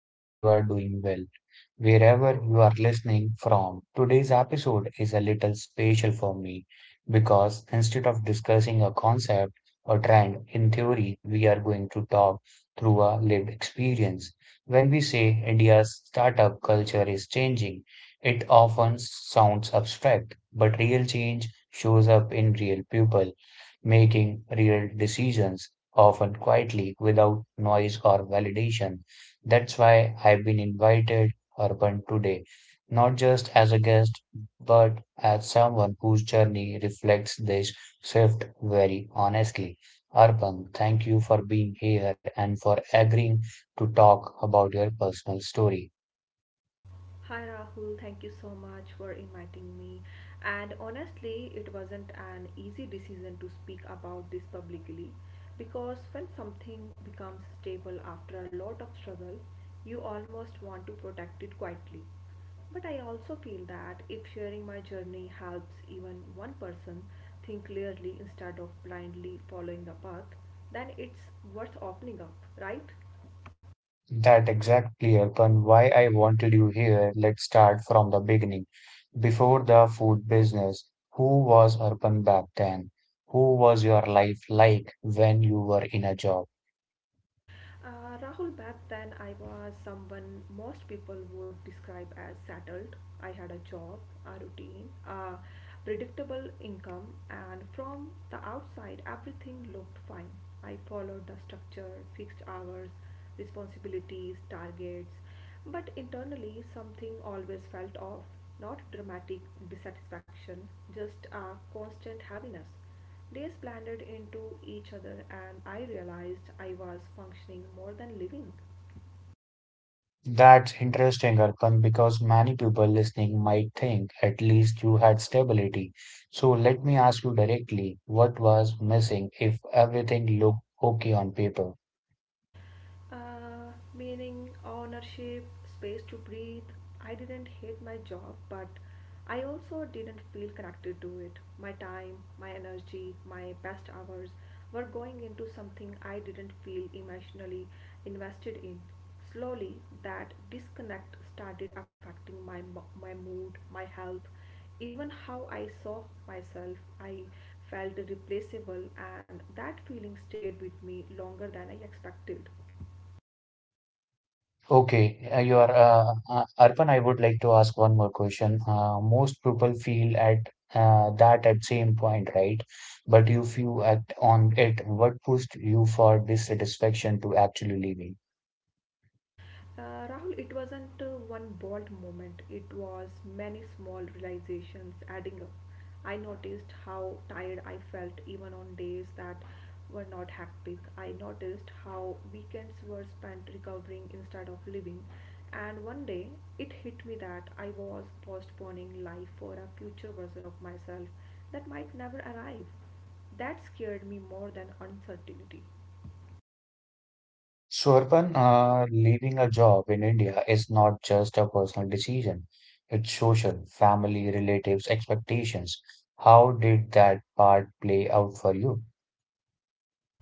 I hope you are doing well wherever you are listening from. Today's episode is a little special for me because instead of discussing a concept or trend in theory, we are going to talk through a lived experience. When we say India's startup culture is changing, it often sounds abstract, but real change shows up in real people making real decisions, often quietly without noise or validation. That's why I've been invited Urban today, not just as a guest, but as someone whose journey reflects this shift very honestly. Urban, thank you for being here and for agreeing to talk about your personal story. Hi Rahul, thank you so much for inviting me. And honestly, it wasn't an easy decision to speak about this publicly because when something becomes stable after a lot of struggle, you almost want to protect it quietly. But I also feel that if sharing my journey helps even one person think clearly instead of blindly following a path, then it's worth opening up, right? That exactly, Arpan, why I wanted you here. Let's start from the beginning. Before the food business, who was Arpan back then? Who was your life like when you were in a job? Rahul, back then I was someone most people would describe as settled. I had a job, a routine, a predictable income, and from the outside, everything looked fine. I followed the structure, fixed hours, responsibilities, targets, but internally, something always felt off. Not dramatic dissatisfaction, just a constant heaviness. Days blended into each other, and I realized I was functioning more than living. That's interesting, Arpan, because many people listening might think at least you had stability. So let me ask you directly, what was missing if everything looked okay on paper? Meaning, ownership, space to breathe. I didn't hate my job, but I also didn't feel connected to it. My time, my energy, my best hours were going into something I didn't feel emotionally invested in. Slowly, that disconnect started affecting my mood, my health, even how I saw myself. I felt replaceable, and that feeling stayed with me longer than I expected. Okay, you are Arpan. I would like to ask one more question. Most people feel at that at same point, right? But if you act on it, what pushed you for dissatisfaction to actually leaving? Rahul, it wasn't one bold moment, it was many small realizations adding up. I noticed how tired I felt even on days that were not hectic. I noticed how weekends were spent recovering instead of living. And one day it hit me that I was postponing life for a future version of myself that might never arrive. That scared me more than uncertainty. Shorpan, leaving a job in India is not just a personal decision. It's social, family, relatives, expectations. How did that part play out for you?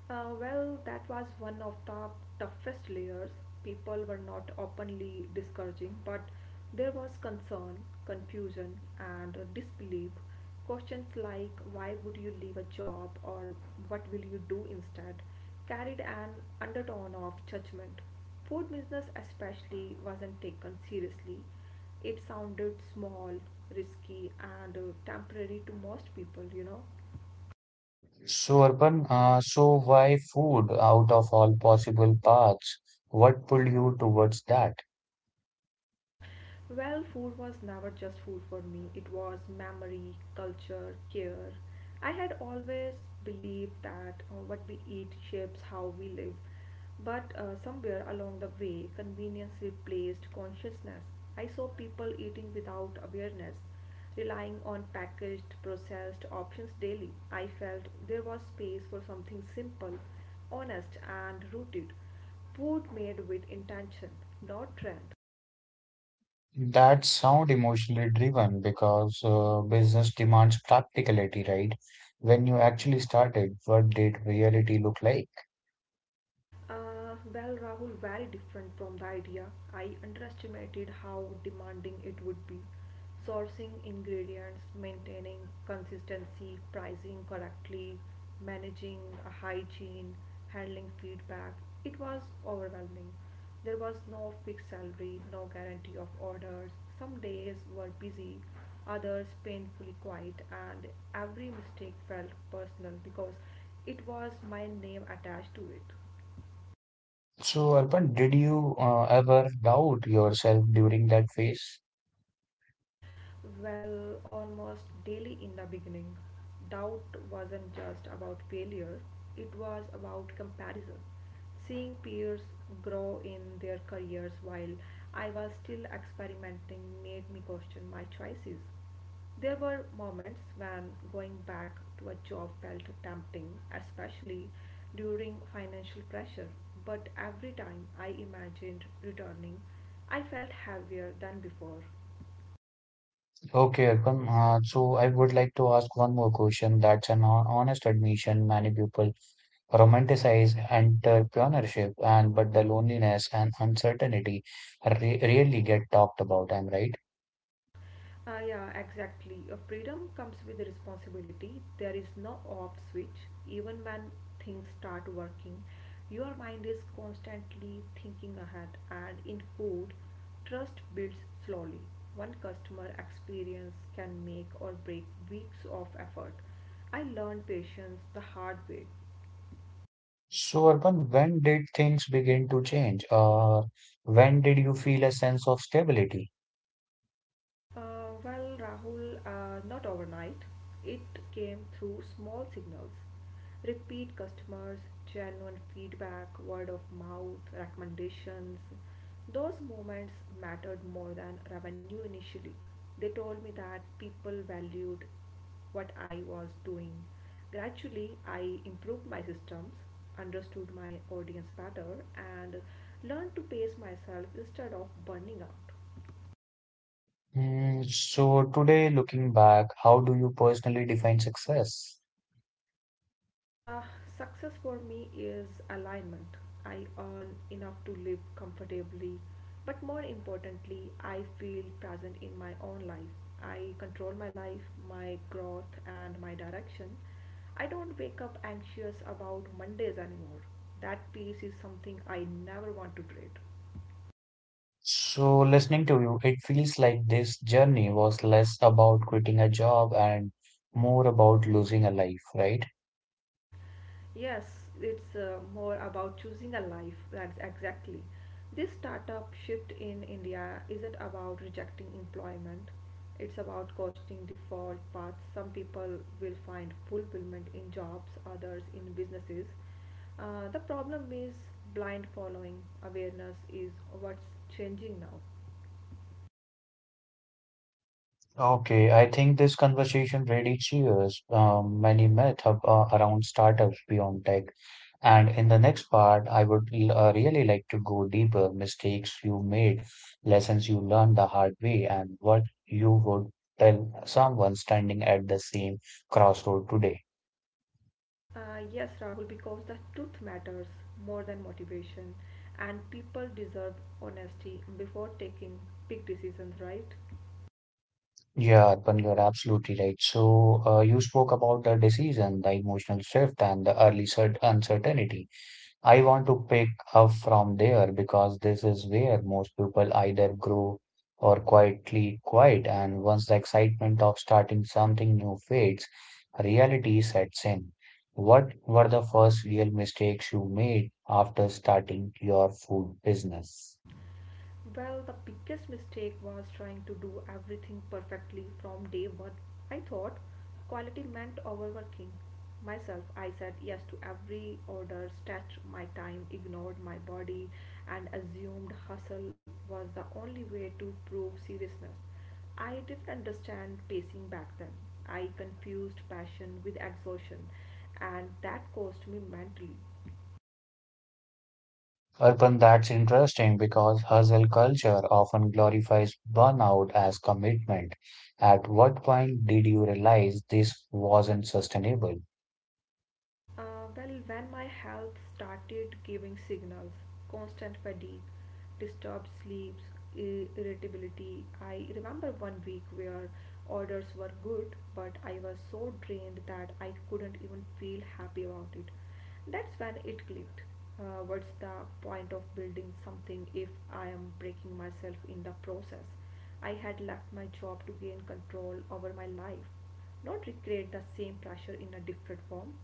Well, that was one of the toughest layers. People were not openly discouraging, but there was concern, confusion, and disbelief. Questions like why would you leave a job or what will you do instead carried an undertone of judgment. Food business, especially, wasn't taken seriously. It sounded small, risky, and temporary to most people, Shorpan, so why food out of all possible paths? What pulled you towards that? Well, food was never just food for me, it was memory, culture, care. I had always believed that what we eat shapes how we live, but somewhere along the way, convenience replaced consciousness. I saw people eating without awareness, relying on packaged, processed options daily. I felt there was space for something simple, honest, and rooted food made with intention, not trend. That sound emotionally driven because business demands practicality, right? When you actually started, what did reality look like? Well, Rahul, very different from the idea. I underestimated how demanding it would be. Sourcing ingredients, maintaining consistency, pricing correctly, managing hygiene, handling feedback. It was overwhelming. There was no fixed salary, no guarantee of orders. Some days were busy, others painfully quiet, and every mistake felt personal because it was my name attached to it. So, Arpan, did you ever doubt yourself during that phase? Well, almost daily in the beginning, doubt wasn't just about failure, it was about comparison. Seeing peers grow in their careers while I was still experimenting made me question my choices. There were moments when going back to a job felt tempting, especially during financial pressure, but every time I imagined returning, I felt heavier than before. Okay, Arpan. So, I would like to ask one more question. That's an honest admission. Many people romanticize entrepreneurship, and but the loneliness and uncertainty re really get talked about. I'm right. Yeah, exactly. Freedom comes with responsibility. There is no off switch. Even when things start working, your mind is constantly thinking ahead. And in code, trust builds slowly. One customer experience can make or break weeks of effort. I learned patience the hard way. So, Arpan, when did things begin to change? When did you feel a sense of stability? Well, Rahul, not overnight. It came through small signals. Repeat customers, genuine feedback, word of mouth, recommendations. Those moments mattered more than revenue initially. They told me that people valued what I was doing. Gradually, I improved my systems, understood my audience better, and learned to pace myself instead of burning out. Mm, so, today, looking back, how do you personally define success? Uh, Success for me is alignment. I earn enough to live comfortably, but more importantly, I feel present in my own life. I control my life, my growth, and my direction. I don't wake up anxious about Mondays anymore. That peace is something I never want to trade. So, listening to you, it feels like this journey was less about quitting a job and more about losing a life, right? Yes, it's more about choosing a life. That's exactly. This startup shift in India isn't about rejecting employment, it's about questioning default paths. Some people will find fulfillment in jobs, others in businesses. The problem is blind following. Awareness is what's changing now. Okay, I think this conversation really cheers many myths around startups beyond tech. And in the next part, I would really like to go deeper, mistakes you made, lessons you learned the hard way, and what you would tell someone standing at the same crossroad today. Yes, Rahul, because the truth matters more than motivation, and people deserve honesty before taking big decisions, right? Yeah, Arpan, you're absolutely right. So, you spoke about the decision, the emotional shift, and the early cert uncertainty. I want to pick up from there because this is where most people either grow or quietly quiet. And once the excitement of starting something new fades, reality sets in. What were the first real mistakes you made after starting your food business? Well, the biggest mistake was trying to do everything perfectly from day one. I thought quality meant overworking myself. I said yes to every order, stretched my time, ignored my body, and assumed hustle was the only way to prove seriousness. I didn't understand pacing back then. I confused passion with exhaustion, and that cost me mentally. Urban, that's interesting because hustle culture often glorifies burnout as commitment. At what point did you realize this wasn't sustainable? Uh, well, when my health started giving signals, constant fatigue, disturbed sleeps, irritability, I remember one week where orders were good, but I was so drained that I couldn't even feel happy about it. That's when it clicked. What's the point of building something if I am breaking myself in the process? I had left my job to gain control over my life, not recreate the same pressure in a different form.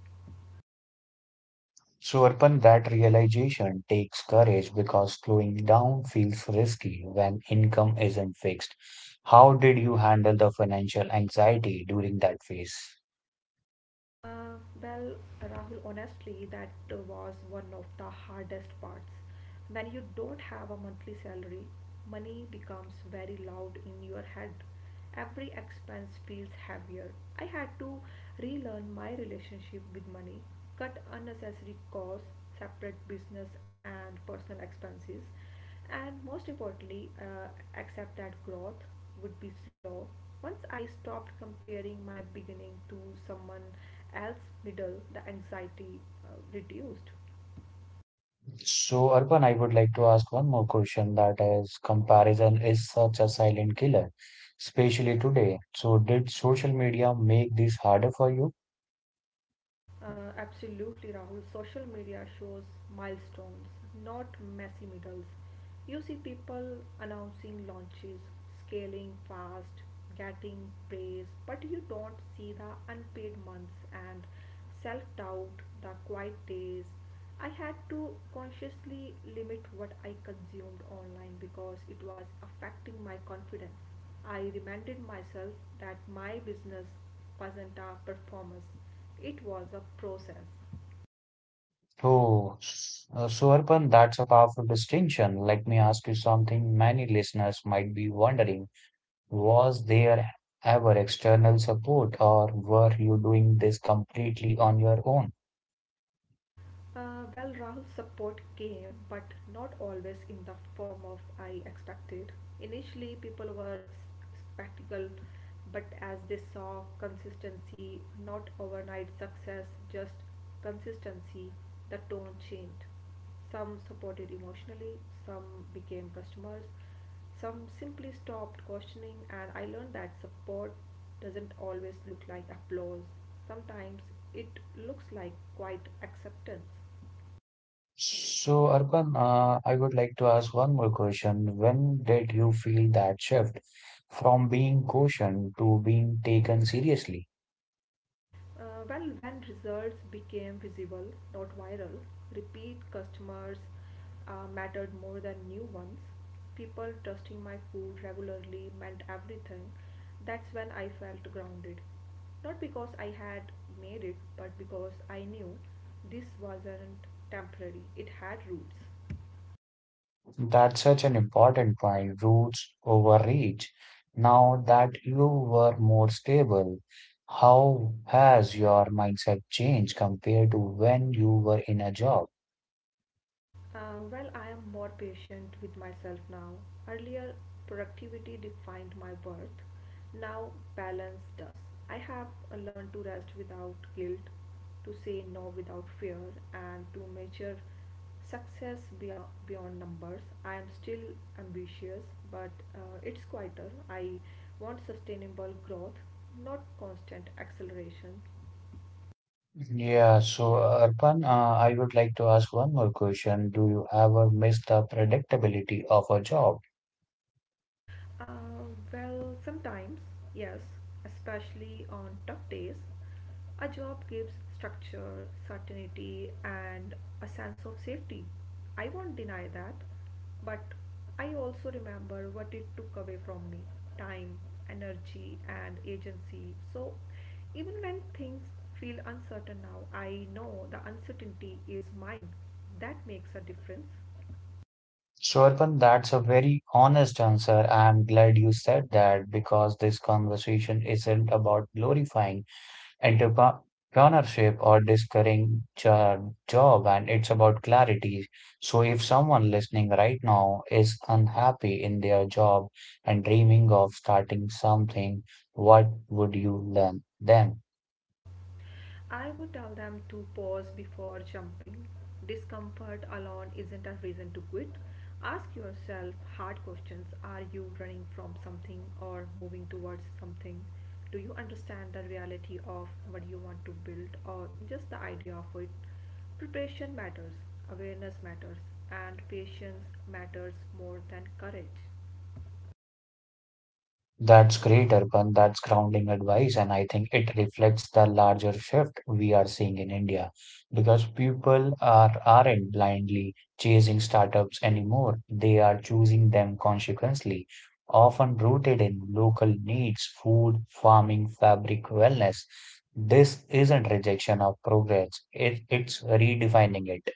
So, Urban, that realization takes courage because slowing down feels risky when income isn't fixed. How did you handle the financial anxiety during that phase? Uh, well, Rahul, honestly, that was one of the hardest parts. When you don't have a monthly salary, money becomes very loud in your head. Every expense feels heavier. I had to relearn my relationship with money, cut unnecessary costs, separate business and personal expenses. And most importantly, accept that growth would be slow. Once I stopped comparing my beginning to someone else's middle, the anxiety reduced. So, Arpan, I would like to ask one more question that is, comparison is such a silent killer, especially today. So, did social media make this harder for you? Absolutely, Rahul. Social media shows milestones, not messy middles. You see people announcing launches, scaling fast, getting praise, but you don't see the unpaid months and self doubt, the quiet days, I had to consciously limit what I consumed online because it was affecting my confidence. I reminded myself that my business wasn't a performance, it was a process. So, Arpan, that's a powerful distinction. Let me ask you something many listeners might be wondering. Was there ever external support, or were you doing this completely on your own? Well, Rahul's support came, but not always in the form of I expected. Initially, people were skeptical, but as they saw consistency, not overnight success, just consistency, the tone changed. Some supported emotionally, some became customers, some simply stopped questioning, and I learned that support doesn't always look like applause. Sometimes it looks like quiet acceptance. So, Arpan, I would like to ask one more question. When did you feel that shift from being cautioned to being taken seriously? Well, when results became visible, not viral, repeat customers mattered more than new ones. People trusting my food regularly meant everything. That's when I felt grounded. Not because I had made it, but because I knew this wasn't temporary, it had roots. That's such an important point, roots over reach. Now that you were more stable, how has your mindset changed compared to when you were in a job? Well, I am more patient with myself now. Earlier, productivity defined my worth. Now, balance does. I have learned to rest without guilt, to say no without fear, and to measure success beyond numbers. I am still ambitious, but it's quieter. I want sustainable growth, not constant acceleration. Yeah, so Arpan, I would like to ask one more question. Do you ever miss the predictability of a job? Uh, well, sometimes, yes, especially on tough days, a job gives structure, certainty, and a sense of safety. I won't deny that, but I also remember what it took away from me time, energy, and agency. So, even when things feel uncertain now, I know the uncertainty is mine. That makes a difference. Swarpan, that's a very honest answer. I'm glad you said that because this conversation isn't about glorifying entrepreneurship or discouraging job, and it's about clarity. So if someone listening right now is unhappy in their job and dreaming of starting something, what would you learn then? I would tell them to pause before jumping. Discomfort alone isn't a reason to quit. Ask yourself hard questions. Are you running from something or moving towards something? Do you understand the reality of what you want to build or just the idea of it? Preparation matters, awareness matters, and patience matters more than courage. That's great, Arpan. That's grounding advice. And I think it reflects the larger shift we are seeing in India because aren't blindly chasing startups anymore. They are choosing them consequently, often rooted in local needs, food, farming, fabric, wellness. This isn't rejection of progress. It's redefining it.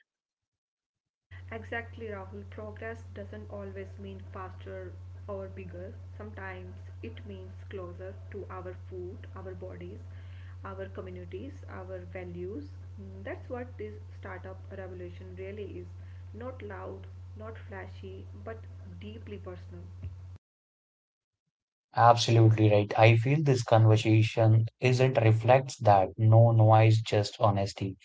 Exactly, Rahul. Progress doesn't always mean faster or bigger. Sometimes it means closer to our food, our bodies, our communities, our values. Mm, that's what this startup revolution really is. Not loud, not flashy, but deeply personal. Absolutely right. I feel this conversation isn't reflects that. No noise, just honesty.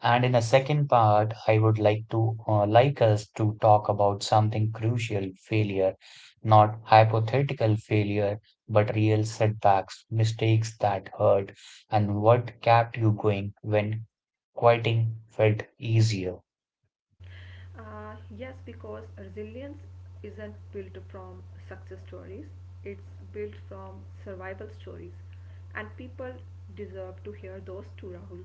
And in the second part, I would like to like us to talk about something crucial failure, not hypothetical failure, but real setbacks, mistakes that hurt, and what kept you going when quitting felt easier. Yes, because resilience isn't built from success stories, it's built from survival stories, and people deserve to hear those too, Rahul.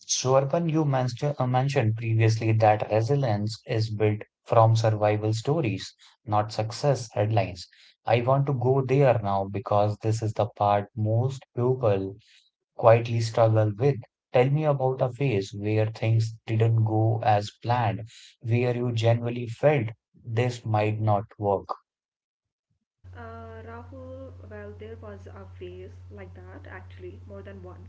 So, Arpan, you mentioned previously that resilience is built from survival stories, not success headlines. I want to go there now because this is the part most people quietly struggle with. Tell me about a phase where things didn't go as planned, where you genuinely felt this might not work. Rahul, well, there was a phase like that, actually, more than one.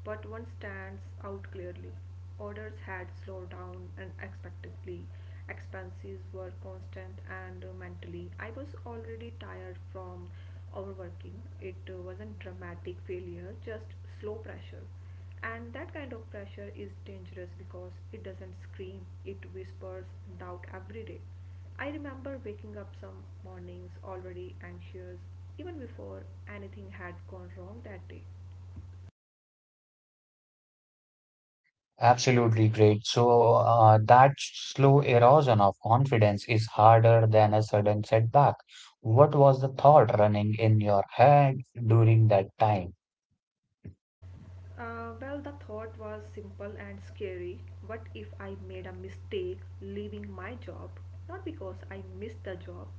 But one stands out clearly. Orders had slowed down unexpectedly. Expenses were constant and mentally. I was already tired from overworking. It wasn't dramatic failure, just slow pressure. And that kind of pressure is dangerous because it doesn't scream, it whispers doubt every day. I remember waking up some mornings already anxious, even before anything had gone wrong that day. Absolutely great. So, that slow erosion of confidence is harder than a sudden setback. What was the thought running in your head during that time? Well, the thought was simple and scary. What if I made a mistake leaving my job? Not because I missed the job,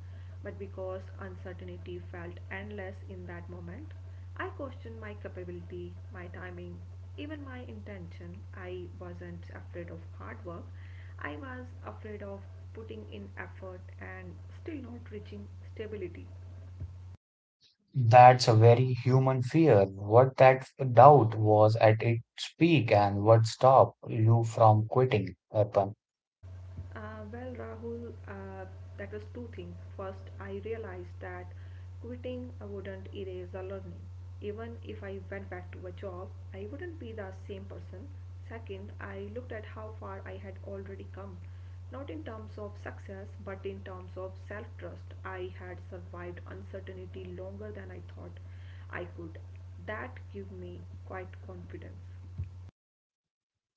but because uncertainty felt endless in that moment. I questioned my capability, my timing, even my intention. I wasn't afraid of hard work. I was afraid of putting in effort and still not reaching stability. That's a very human fear. What that doubt was at its peak and what stopped you from quitting, Arpan. Well, Rahul, that was two things. First, I realized that quitting wouldn't erase the learning. Even if I went back to a job, I wouldn't be the same person. Second, I looked at how far I had already come, not in terms of success, but in terms of self trust. I had survived uncertainty longer than I thought I could. That gave me quite confidence.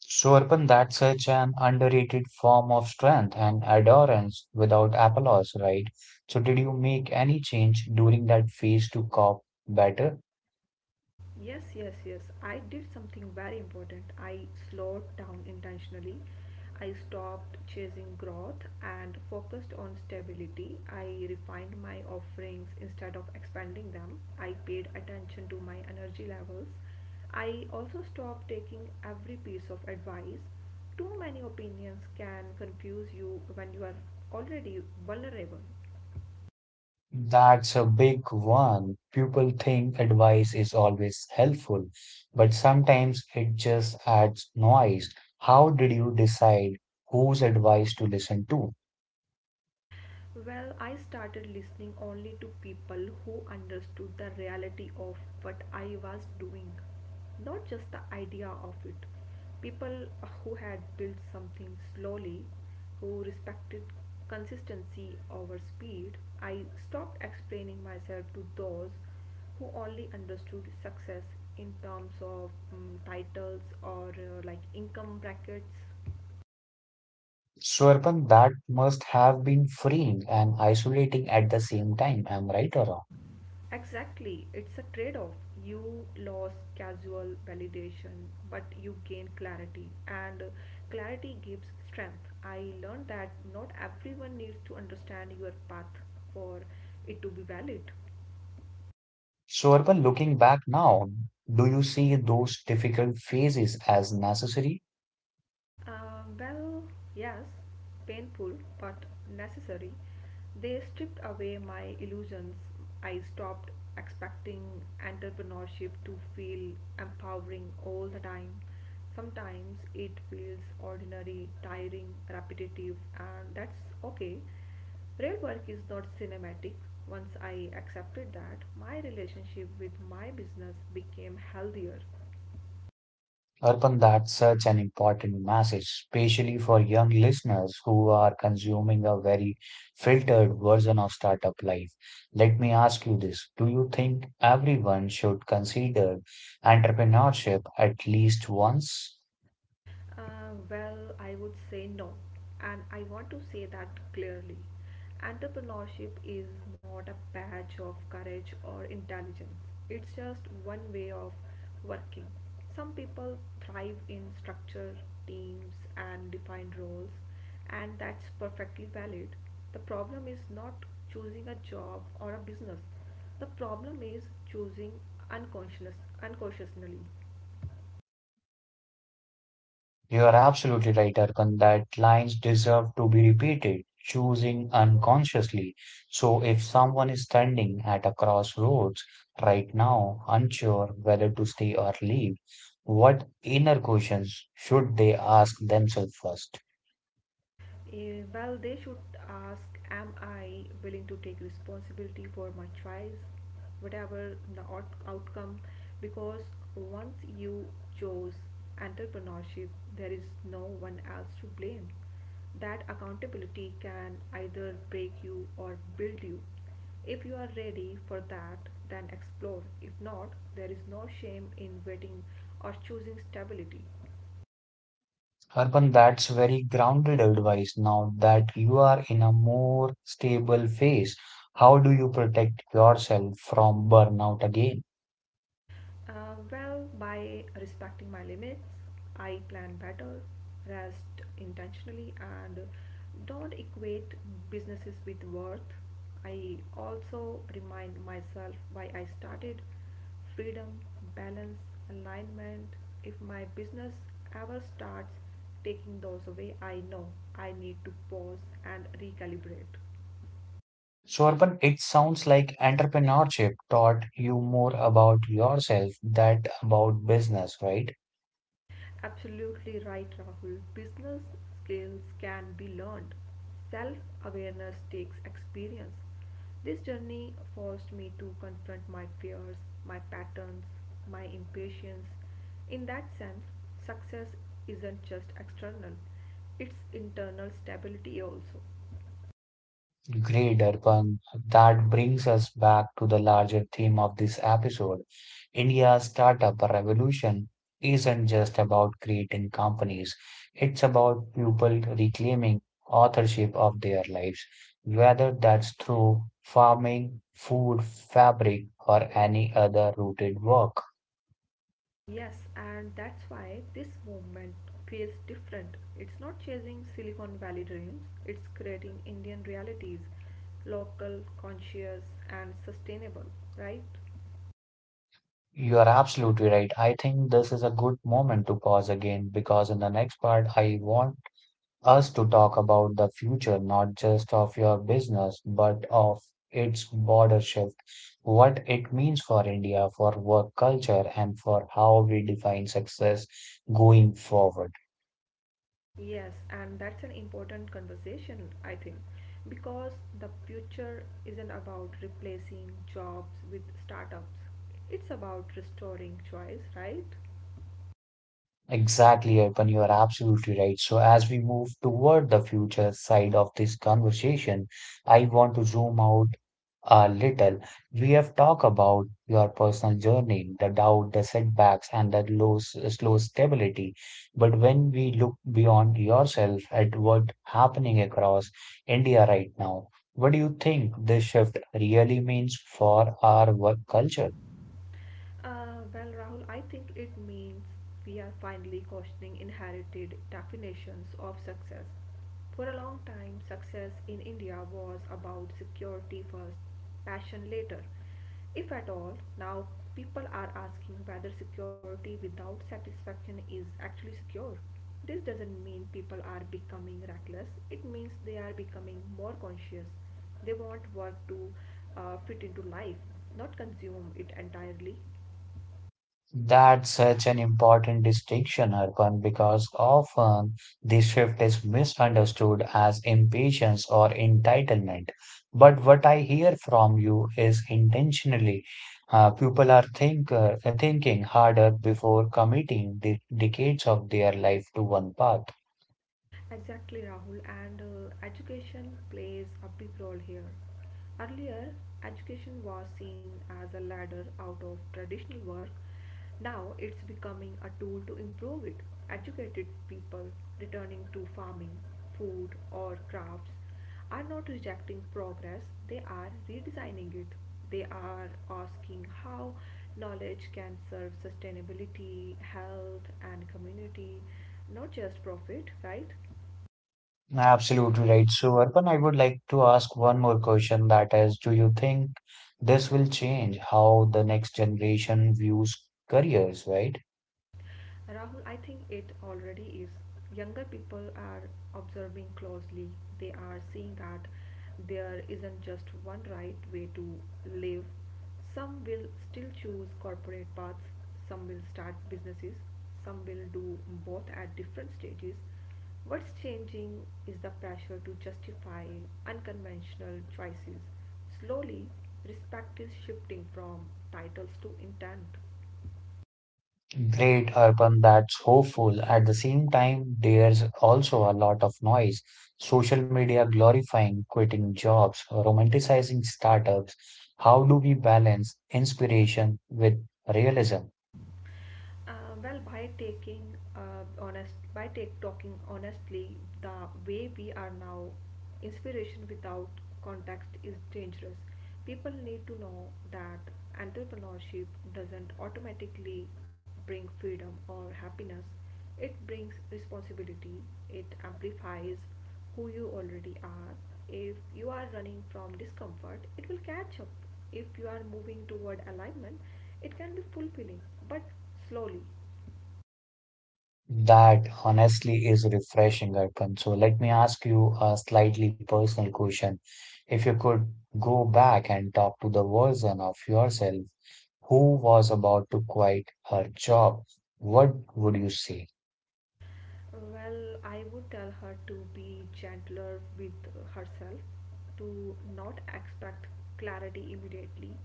So, Arpan, that's such an underrated form of strength and endurance without applause, right? So, did you make any change during that phase to cope better? Yes, yes, yes. I did something very important. I slowed down intentionally. I stopped chasing growth and focused on stability. I refined my offerings instead of expanding them. I paid attention to my energy levels. I also stopped taking every piece of advice. Too many opinions can confuse you when you are already vulnerable. That's a big one. People think advice is always helpful, but sometimes it just adds noise. How did you decide whose advice to listen to? Well, I started listening only to people who understood the reality of what I was doing, not just the idea of it. People who had built something slowly, who respected consistency over speed. I stopped explaining myself to those who only understood success in terms of titles or like income brackets. Swarpan, that must have been freeing and isolating at the same time. Am I right or wrong? Exactly, it's a trade off. You lose casual validation, but you gain clarity, and clarity gives strength. I learned that not everyone needs to understand your path for it to be valid. Swarpan, looking back now, do you see those difficult phases as necessary? Uh, well, yes, painful but necessary. They stripped away my illusions. I stopped expecting entrepreneurship to feel empowering all the time. Sometimes it feels ordinary, tiring, repetitive, and that's okay. Real work is not cinematic. Once I accepted that, my relationship with my business became healthier. Urban, that's such an important message, especially for young listeners who are consuming a very filtered version of startup life. Let me ask you this. Do you think everyone should consider entrepreneurship at least once? I would say no. And I want to say that clearly. Entrepreneurship is not a badge of courage or intelligence, it's just one way of working. Some people thrive in structure, teams, and defined roles, and that's perfectly valid. The problem is not choosing a job or a business, the problem is choosing unconscious, unconsciously. You are absolutely right, Arkan, that lines deserve to be repeated, choosing unconsciously. So if someone is standing at a crossroads right now, unsure whether to stay or leave, what inner questions should they ask themselves first? They should ask, am I willing to take responsibility for my choice, whatever the outcome? Because once you chose entrepreneurship, there is no one else to blame. That accountability can either break you or build you. If you are ready for that, then explore. If not, there is no shame in waiting or choosing stability. Arpan, that's very grounded advice now that you are in a more stable phase. How do you protect yourself from burnout again? By respecting my limits, I plan better, rest intentionally, and don't equate businesses with worth. I also remind myself why I started freedom, balance, alignment. If my business ever starts taking those away, I know I need to pause and recalibrate. Shorban, it sounds like entrepreneurship taught you more about yourself than about business, right? Absolutely right, Rahul. Business skills can be learned. Self awareness takes experience. This journey forced me to confront my fears, my patterns, my impatience. In that sense, success isn't just external, it's internal stability also. Great, Arpan. That brings us back to the larger theme of this episode. India's startup revolution isn't just about creating companies, it's about people reclaiming authorship of their lives, whether that's through farming, food, fabric, or any other rooted work. Yes, and that's why this movement feels different. It's not chasing Silicon Valley dreams, it's creating Indian realities, local, conscious, and sustainable, right? You are absolutely right. I think this is a good moment to pause again because in the next part, I want us to talk about the future, not just of your business, but of its border shift, what it means for India, for work culture, and for how we define success going forward. Yes, and that's an important conversation, I think, because the future isn't about replacing jobs with startups, it's about restoring choice, right? Exactly, Arpan, you are absolutely right. So, as we move toward the future side of this conversation, I want to zoom out a little. We have talked about your personal journey, the doubt, the setbacks, and the low, slow stability. But when we look beyond yourself at what happening across India right now, what do you think this shift really means for our work culture? Rahul, I think it means we are finally questioning inherited definitions of success. For a long time, success in India was about security first, passion later. If at all, now people are asking whether security without satisfaction is actually secure. This doesn't mean people are becoming reckless, it means they are becoming more conscious. They want work to fit into life, not consume it entirely. That's such an important distinction, Arpan, because often the shift is misunderstood as impatience or entitlement. But what I hear from you is intentionally, people are thinking harder before committing the decades of their life to one path. Exactly, Rahul, and education plays a big role here. Earlier, education was seen as a ladder out of traditional work. Now it's becoming a tool to improve it. Educated people returning to farming, food, or crafts are not rejecting progress, they are redesigning it. They are asking how knowledge can serve sustainability, health, and community, not just profit, right? Absolutely right. So, Arpan, I would like to ask one more question that is, do you think this will change how the next generation views careers, right? Rahul, I think it already is. Younger people are observing closely. They are seeing that there isn't just one right way to live. Some will still choose corporate paths, some will start businesses, some will do both at different stages. What's changing is the pressure to justify unconventional choices. Slowly, respect is shifting from titles to intent. Great, urban, that's hopeful. At the same time, there's also a lot of noise. Social media glorifying quitting jobs, romanticizing startups. How do we balance inspiration with realism? By taking honest, by take talking honestly, the way we are now, inspiration without context is dangerous. People need to know that entrepreneurship doesn't automatically bring freedom or happiness. It brings responsibility. It amplifies who you already are. If you are running from discomfort, it will catch up. If you are moving toward alignment, it can be fulfilling, but slowly. That honestly is refreshing, Arpan. So let me ask you a slightly personal question. If you could go back and talk to the version of yourself who was about to quit her job, what would you say? Well, I would tell her to be gentler with herself, to not expect clarity immediately,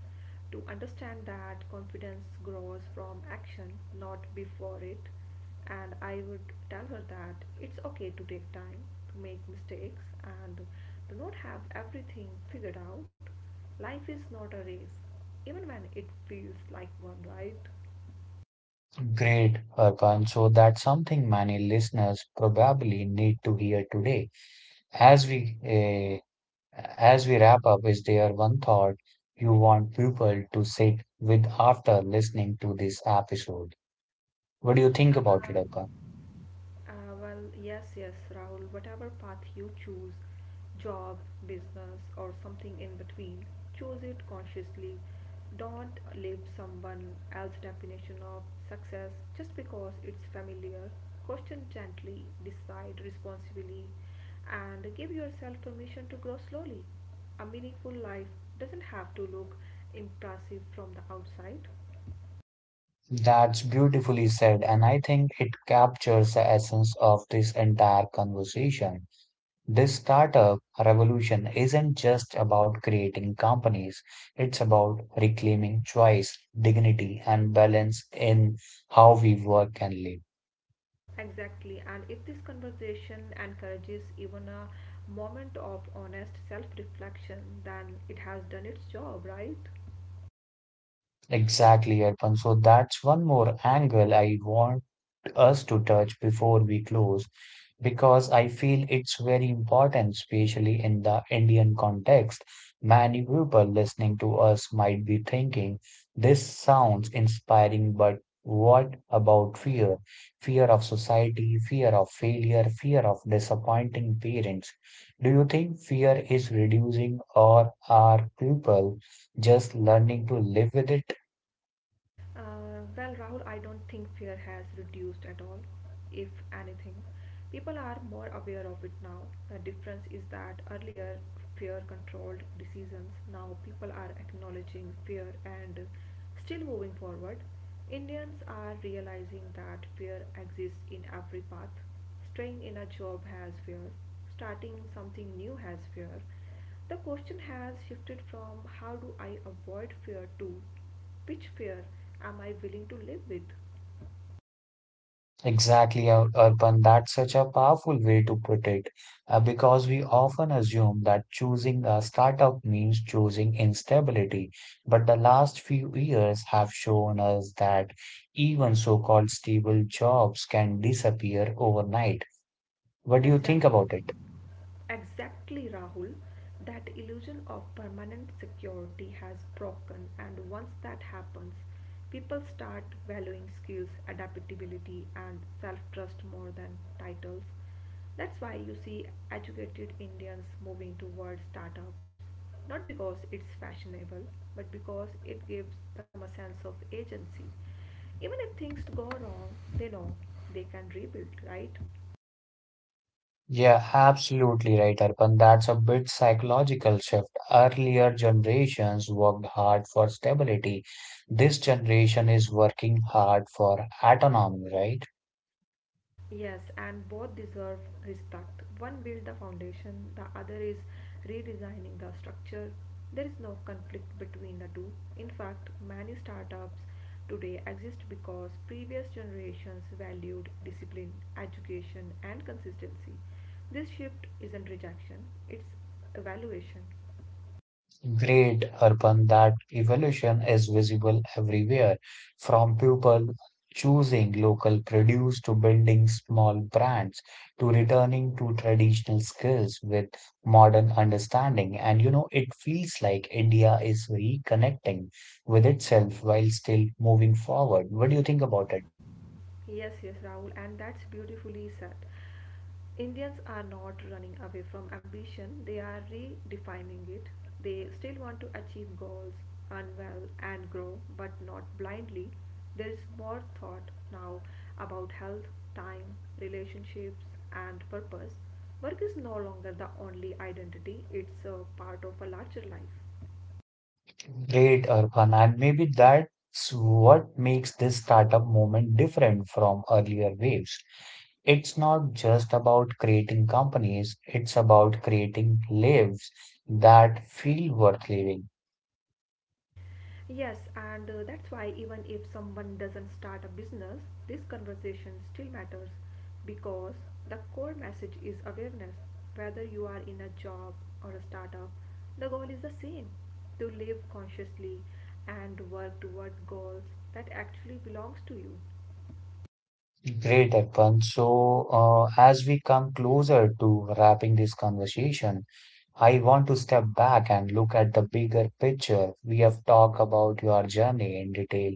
to understand that confidence grows from action, not before it. And I would tell her that it's okay to take time, to make mistakes, and to not have everything figured out. Life is not a race, even when it feels like one, right? Great, Arpan. So that's something many listeners probably need to hear today. As we eh, as we wrap up, is there one thought you want people to sit with after listening to this episode? What do you think Uh, about it, Arpan? Yes, yes, Rahul. Whatever path you choose, job, business, or something in between, choose it consciously. Don't live someone else's definition of success just because it's familiar. Question gently, decide responsibly, and give yourself permission to grow slowly. A meaningful life doesn't have to look impressive from the outside. That's beautifully said, and I think it captures the essence of this entire conversation. This startup revolution isn't just about creating companies, it's about reclaiming choice, dignity, and balance in how we work and live. Exactly, and if this conversation encourages even a moment of honest self reflection, then it has done its job, right? Exactly, Arpan. So that's one more angle I want us to touch before we close because I feel it's very important, especially in the Indian context. Many people listening to us might be thinking, this sounds inspiring, but what about fear? Fear of society, fear of failure, fear of disappointing parents. Do you think fear is reducing or are people just learning to live with it? Rahul, I don't think fear has reduced at all, if anything. People are more aware of it now. The difference is that earlier fear controlled decisions, now people are acknowledging fear and still moving forward. Indians are realizing that fear exists in every path. Staying in a job has fear, starting something new has fear. The question has shifted from how do I avoid fear to which fear am I willing to live with? Exactly, Arpan. That's such a powerful way to put it, because we often assume that choosing a startup means choosing instability. But the last few years have shown us that even so-called stable jobs can disappear overnight. What do you think about Exactly. it? Exactly, Rahul. That illusion of permanent security has broken, and once that happens, people start valuing skills, adaptability, and self trust more than titles. That's why you see educated Indians moving towards startups, not because it's fashionable, but because it gives them a sense of agency. Even if things go wrong, they know they can rebuild, right? Yeah, absolutely right, Arpan. That's a big psychological shift. Earlier generations worked hard for stability. This generation is working hard for autonomy, right? Yes, and both deserve respect. One built the foundation, the other is redesigning the structure. There is no conflict between the two. In fact, many startups today exist because previous generations valued discipline, education, and consistency. This shift isn't rejection, it's evaluation. Great, Arpan, that evolution is visible everywhere, from people choosing local produce to building small brands to returning to traditional skills with modern understanding. And you know, it feels like India is reconnecting with itself while still moving forward. What do you think about it? Yes, yes, Rahul, and that's beautifully said. Indians are not running away from ambition, they are redefining it. They still want to achieve goals, earn well, and grow, but not blindly. There is more thought now about health, time, relationships, and purpose. Work is no longer the only identity, it's a part of a larger life. Great, Arfan, and maybe that's what makes this startup moment different from earlier waves. It's not just about creating companies, it's about creating lives that feel worth living. Yes, and that's why even if someone doesn't start a business, this conversation still matters because the core message is awareness. Whether you are in a job or a startup, the goal is the same to live consciously and work toward goals that actually belongs to you. Great, Arfan. So, as we come closer to wrapping this conversation, I want to step back and look at the bigger picture. We have talked about your journey in detail,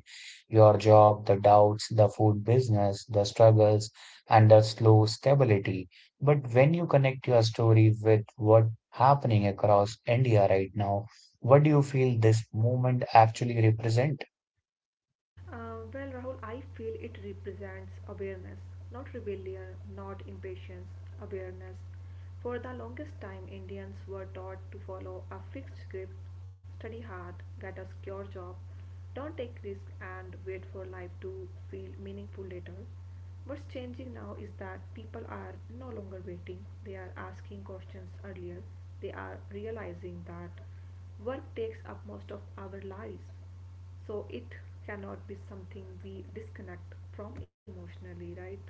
your job, the doubts, the food business, the struggles, and the slow stability. But when you connect your story with what happening across India right now, what do you feel this movement actually represent? Rahul, I feel it represents awareness, not rebellion, not impatience, awareness. For the longest time, Indians were taught to follow a fixed script study hard, get a secure job, don't take risks, and wait for life to feel meaningful later. What's changing now is that people are no longer waiting, they are asking questions earlier, they are realizing that work takes up most of our lives so it cannot be something we disconnect from emotionally, right?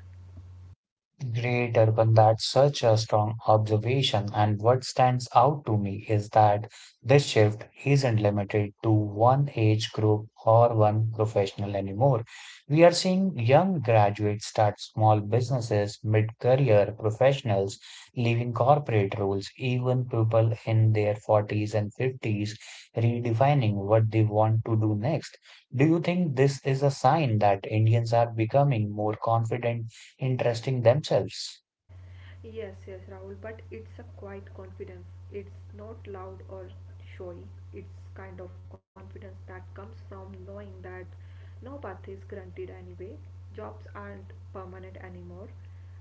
Great Urban, that's such a strong observation. And what stands out to me is that this shift isn't limited to one age group or one professional anymore. We are seeing young graduates start small businesses, mid-career professionals, leaving corporate roles, even people in their 40s and 50s redefining what they want to do next. Do you think this is a sign that Indians are becoming more confident? Interesting themselves. Yes, yes, Rahul, but it's a quiet confidence. It's not loud or showy. It's kind of confidence that comes from knowing that no path is granted anyway. Jobs aren't permanent anymore.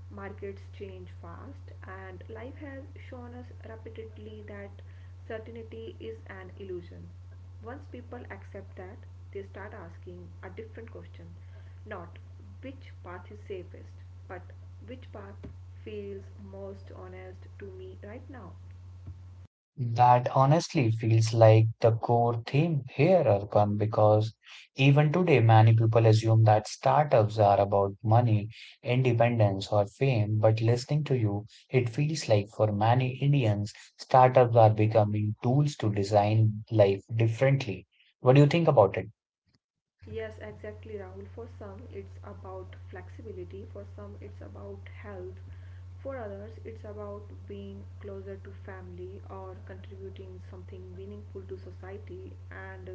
Markets change fast, and life has shown us repeatedly that certainty is an illusion. Once people accept that, they start asking a different question not which path is safest, but which path feels most honest to me right now. That honestly feels like the core theme here, Arpan, because even today many people assume that startups are about money, independence, or fame. But listening to you, it feels like for many Indians, startups are becoming tools to design life differently. What do you think about it? Yes, exactly, Rahul. For some, it's about flexibility, for some, it's about health, for others, it's about being closer to family or contributing something meaningful to society. And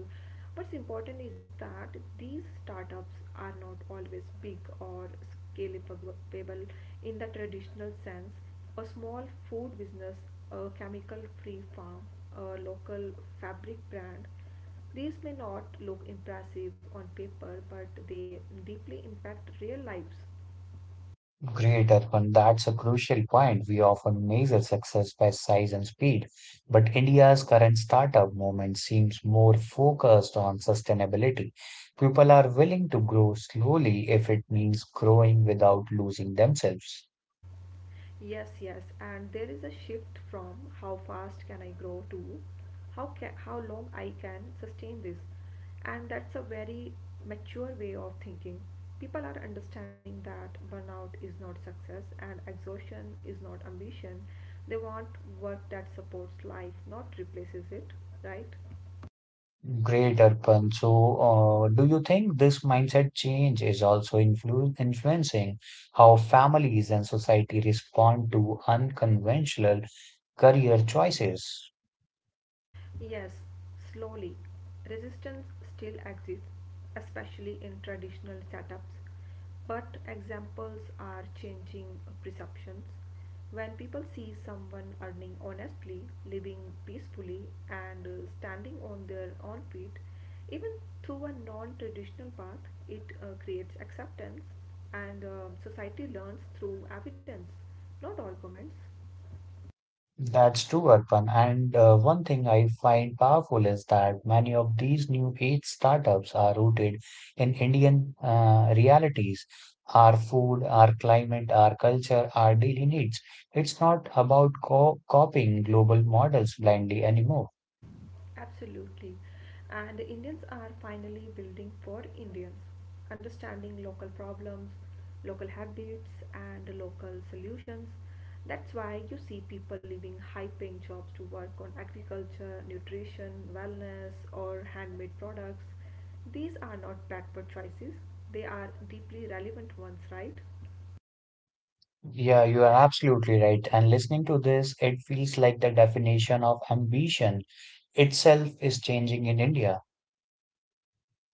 what's important is that these startups are not always big or scalable in the traditional sense. A small food business, a chemical free farm, a local fabric brand these may not look impressive on paper, but they deeply impact real lives. Great, Arpan. That's a crucial point. We often measure success by size and speed, but India's current startup movement seems more focused on sustainability. People are willing to grow slowly if it means growing without losing themselves. Yes, yes, and there is a shift from how fast can I grow to how long I can sustain this. And that's a very mature way of thinking. People are understanding that burnout is not success and exhaustion is not ambition. They want work that supports life, not replaces it, right? Great, Arpan. So, do you think this mindset change is also influencing how families and society respond to unconventional career choices? Yes, slowly. Resistance still exists, especially in traditional setups, but examples are changing perceptions. When people see someone earning honestly, living peacefully, and standing on their own feet, even through a non traditional path, it creates acceptance, and society learns through evidence, not arguments. That's true, Arpan. And one thing I find powerful is that many of these new age startups are rooted in Indian realities, our food, our climate, our culture, our daily needs. It's not about co copying global models blindly anymore. Absolutely. And Indians are finally building for Indians, understanding local problems, local habits, and local solutions. That's why you see people leaving high paying jobs to work on agriculture, nutrition, wellness, or handmade products. These are not backward choices, they are deeply relevant ones, right? Yeah, you are absolutely right. And listening to this, it feels like the definition of ambition itself is changing in India.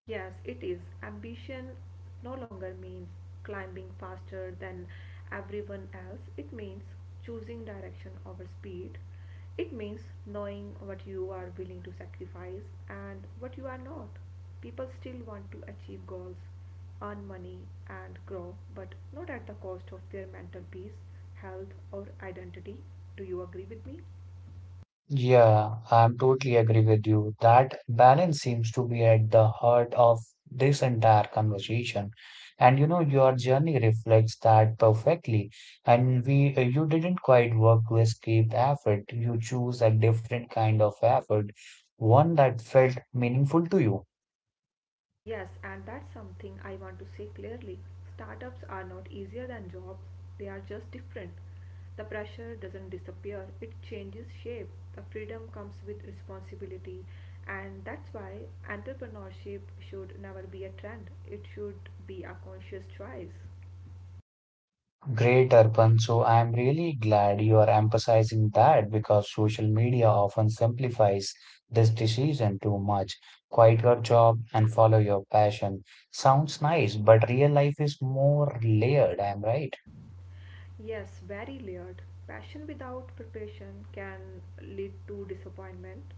Yes, it is. Ambition no longer means climbing faster than everyone else. It means choosing direction over speed. It means knowing what you are willing to sacrifice and what you are not. People still want to achieve goals, earn money, and grow, but not at the cost of their mental peace, health, or identity. Do you agree with me? Yeah, I'm totally agree with you. That balance seems to be at the heart of this entire conversation. And you know, your journey reflects that perfectly. You didn't quite work to escape effort. You choose a different kind of effort, one that felt meaningful to you. Yes, and that's something I want to say clearly. Startups are not easier than jobs, they are just different. The pressure doesn't disappear, it changes shape. The freedom comes with responsibility, and that's why entrepreneurship should never be a trend, it should be a conscious choice. Great, Arpan. So I'm really glad you are emphasizing that because social media often simplifies this decision too much. Quit your job and follow your passion. Sounds nice, but real life is more layered, I'm right. Yes, very layered. Passion without preparation can lead to disappointment.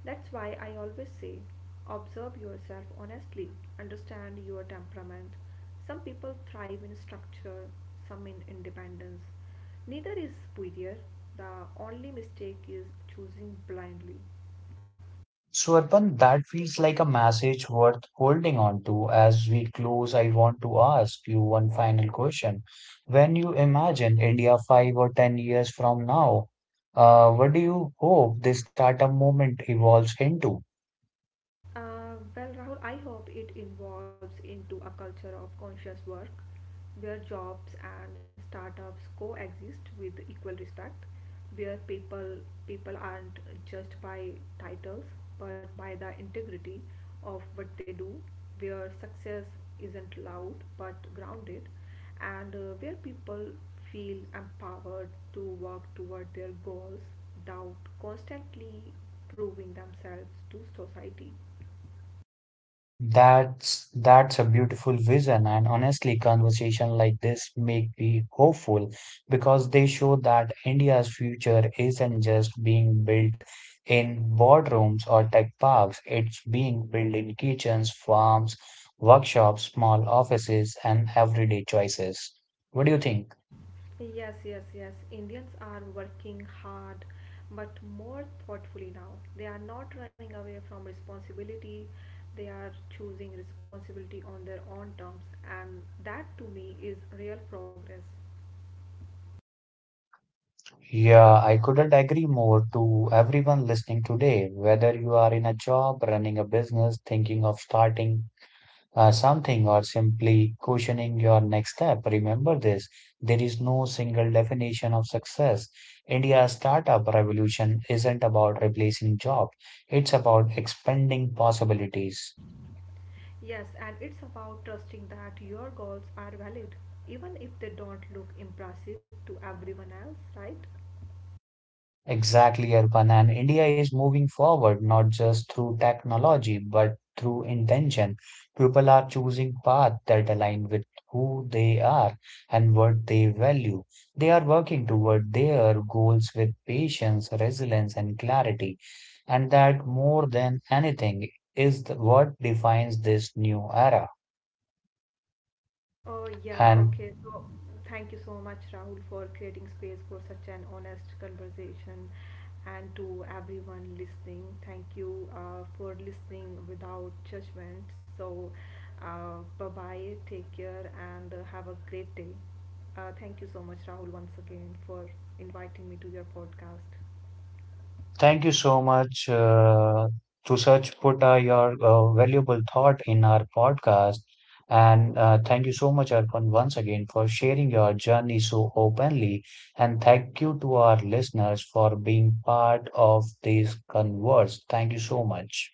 That's why I always say observe yourself honestly, understand your temperament. Some people thrive in structure, some in independence. Neither is superior. The only mistake is choosing blindly. So, Arpan, that feels like a message worth holding on to. As we close, I want to ask you one final question. When you imagine India 5 or 10 years from now, what do you hope this startup movement evolves into? Rahul, I hope it involves into a culture of conscious work where jobs and startups coexist with equal respect, where people aren't judged by titles but by the integrity of what they do, where success isn't loud but grounded, and where people feel empowered to work toward their goals without constantly proving themselves to society. That's a beautiful vision, and honestly, conversation like this make me hopeful because they show that India's future isn't just being built in boardrooms or tech parks. It's being built in kitchens, farms, workshops, small offices, and everyday choices. What do you think? Yes, yes, yes. Indians are working hard but more thoughtfully now. They are not running away from responsibility, they are choosing responsibility on their own terms, and that to me is real progress. Yeah, I couldn't agree more to everyone listening today, whether you are in a job, running a business, thinking of starting something or simply questioning your next step. Remember this, there is no single definition of success. India's startup revolution isn't about replacing jobs, it's about expanding possibilities. Yes, and it's about trusting that your goals are valid, even if they don't look impressive to everyone else, right? Exactly, Arpan. And India is moving forward not just through technology, but through intention. People are choosing paths that align with who they are and what they value. They are working toward their goals with patience, resilience, and clarity. And that, more than anything, is what defines this new era. Oh, yeah, okay. And So, thank you so much, Rahul, for creating space for such an honest conversation. And to everyone listening, thank you for listening without judgment. So, bye bye, take care, and have a great day. Thank you so much, Rahul, once again for inviting me to your podcast. thank you so much to such put your valuable thought in our podcast. And thank you so much, Arpan, once again for sharing your journey so openly. And thank you to our listeners for being part of this converse. Thank you so much.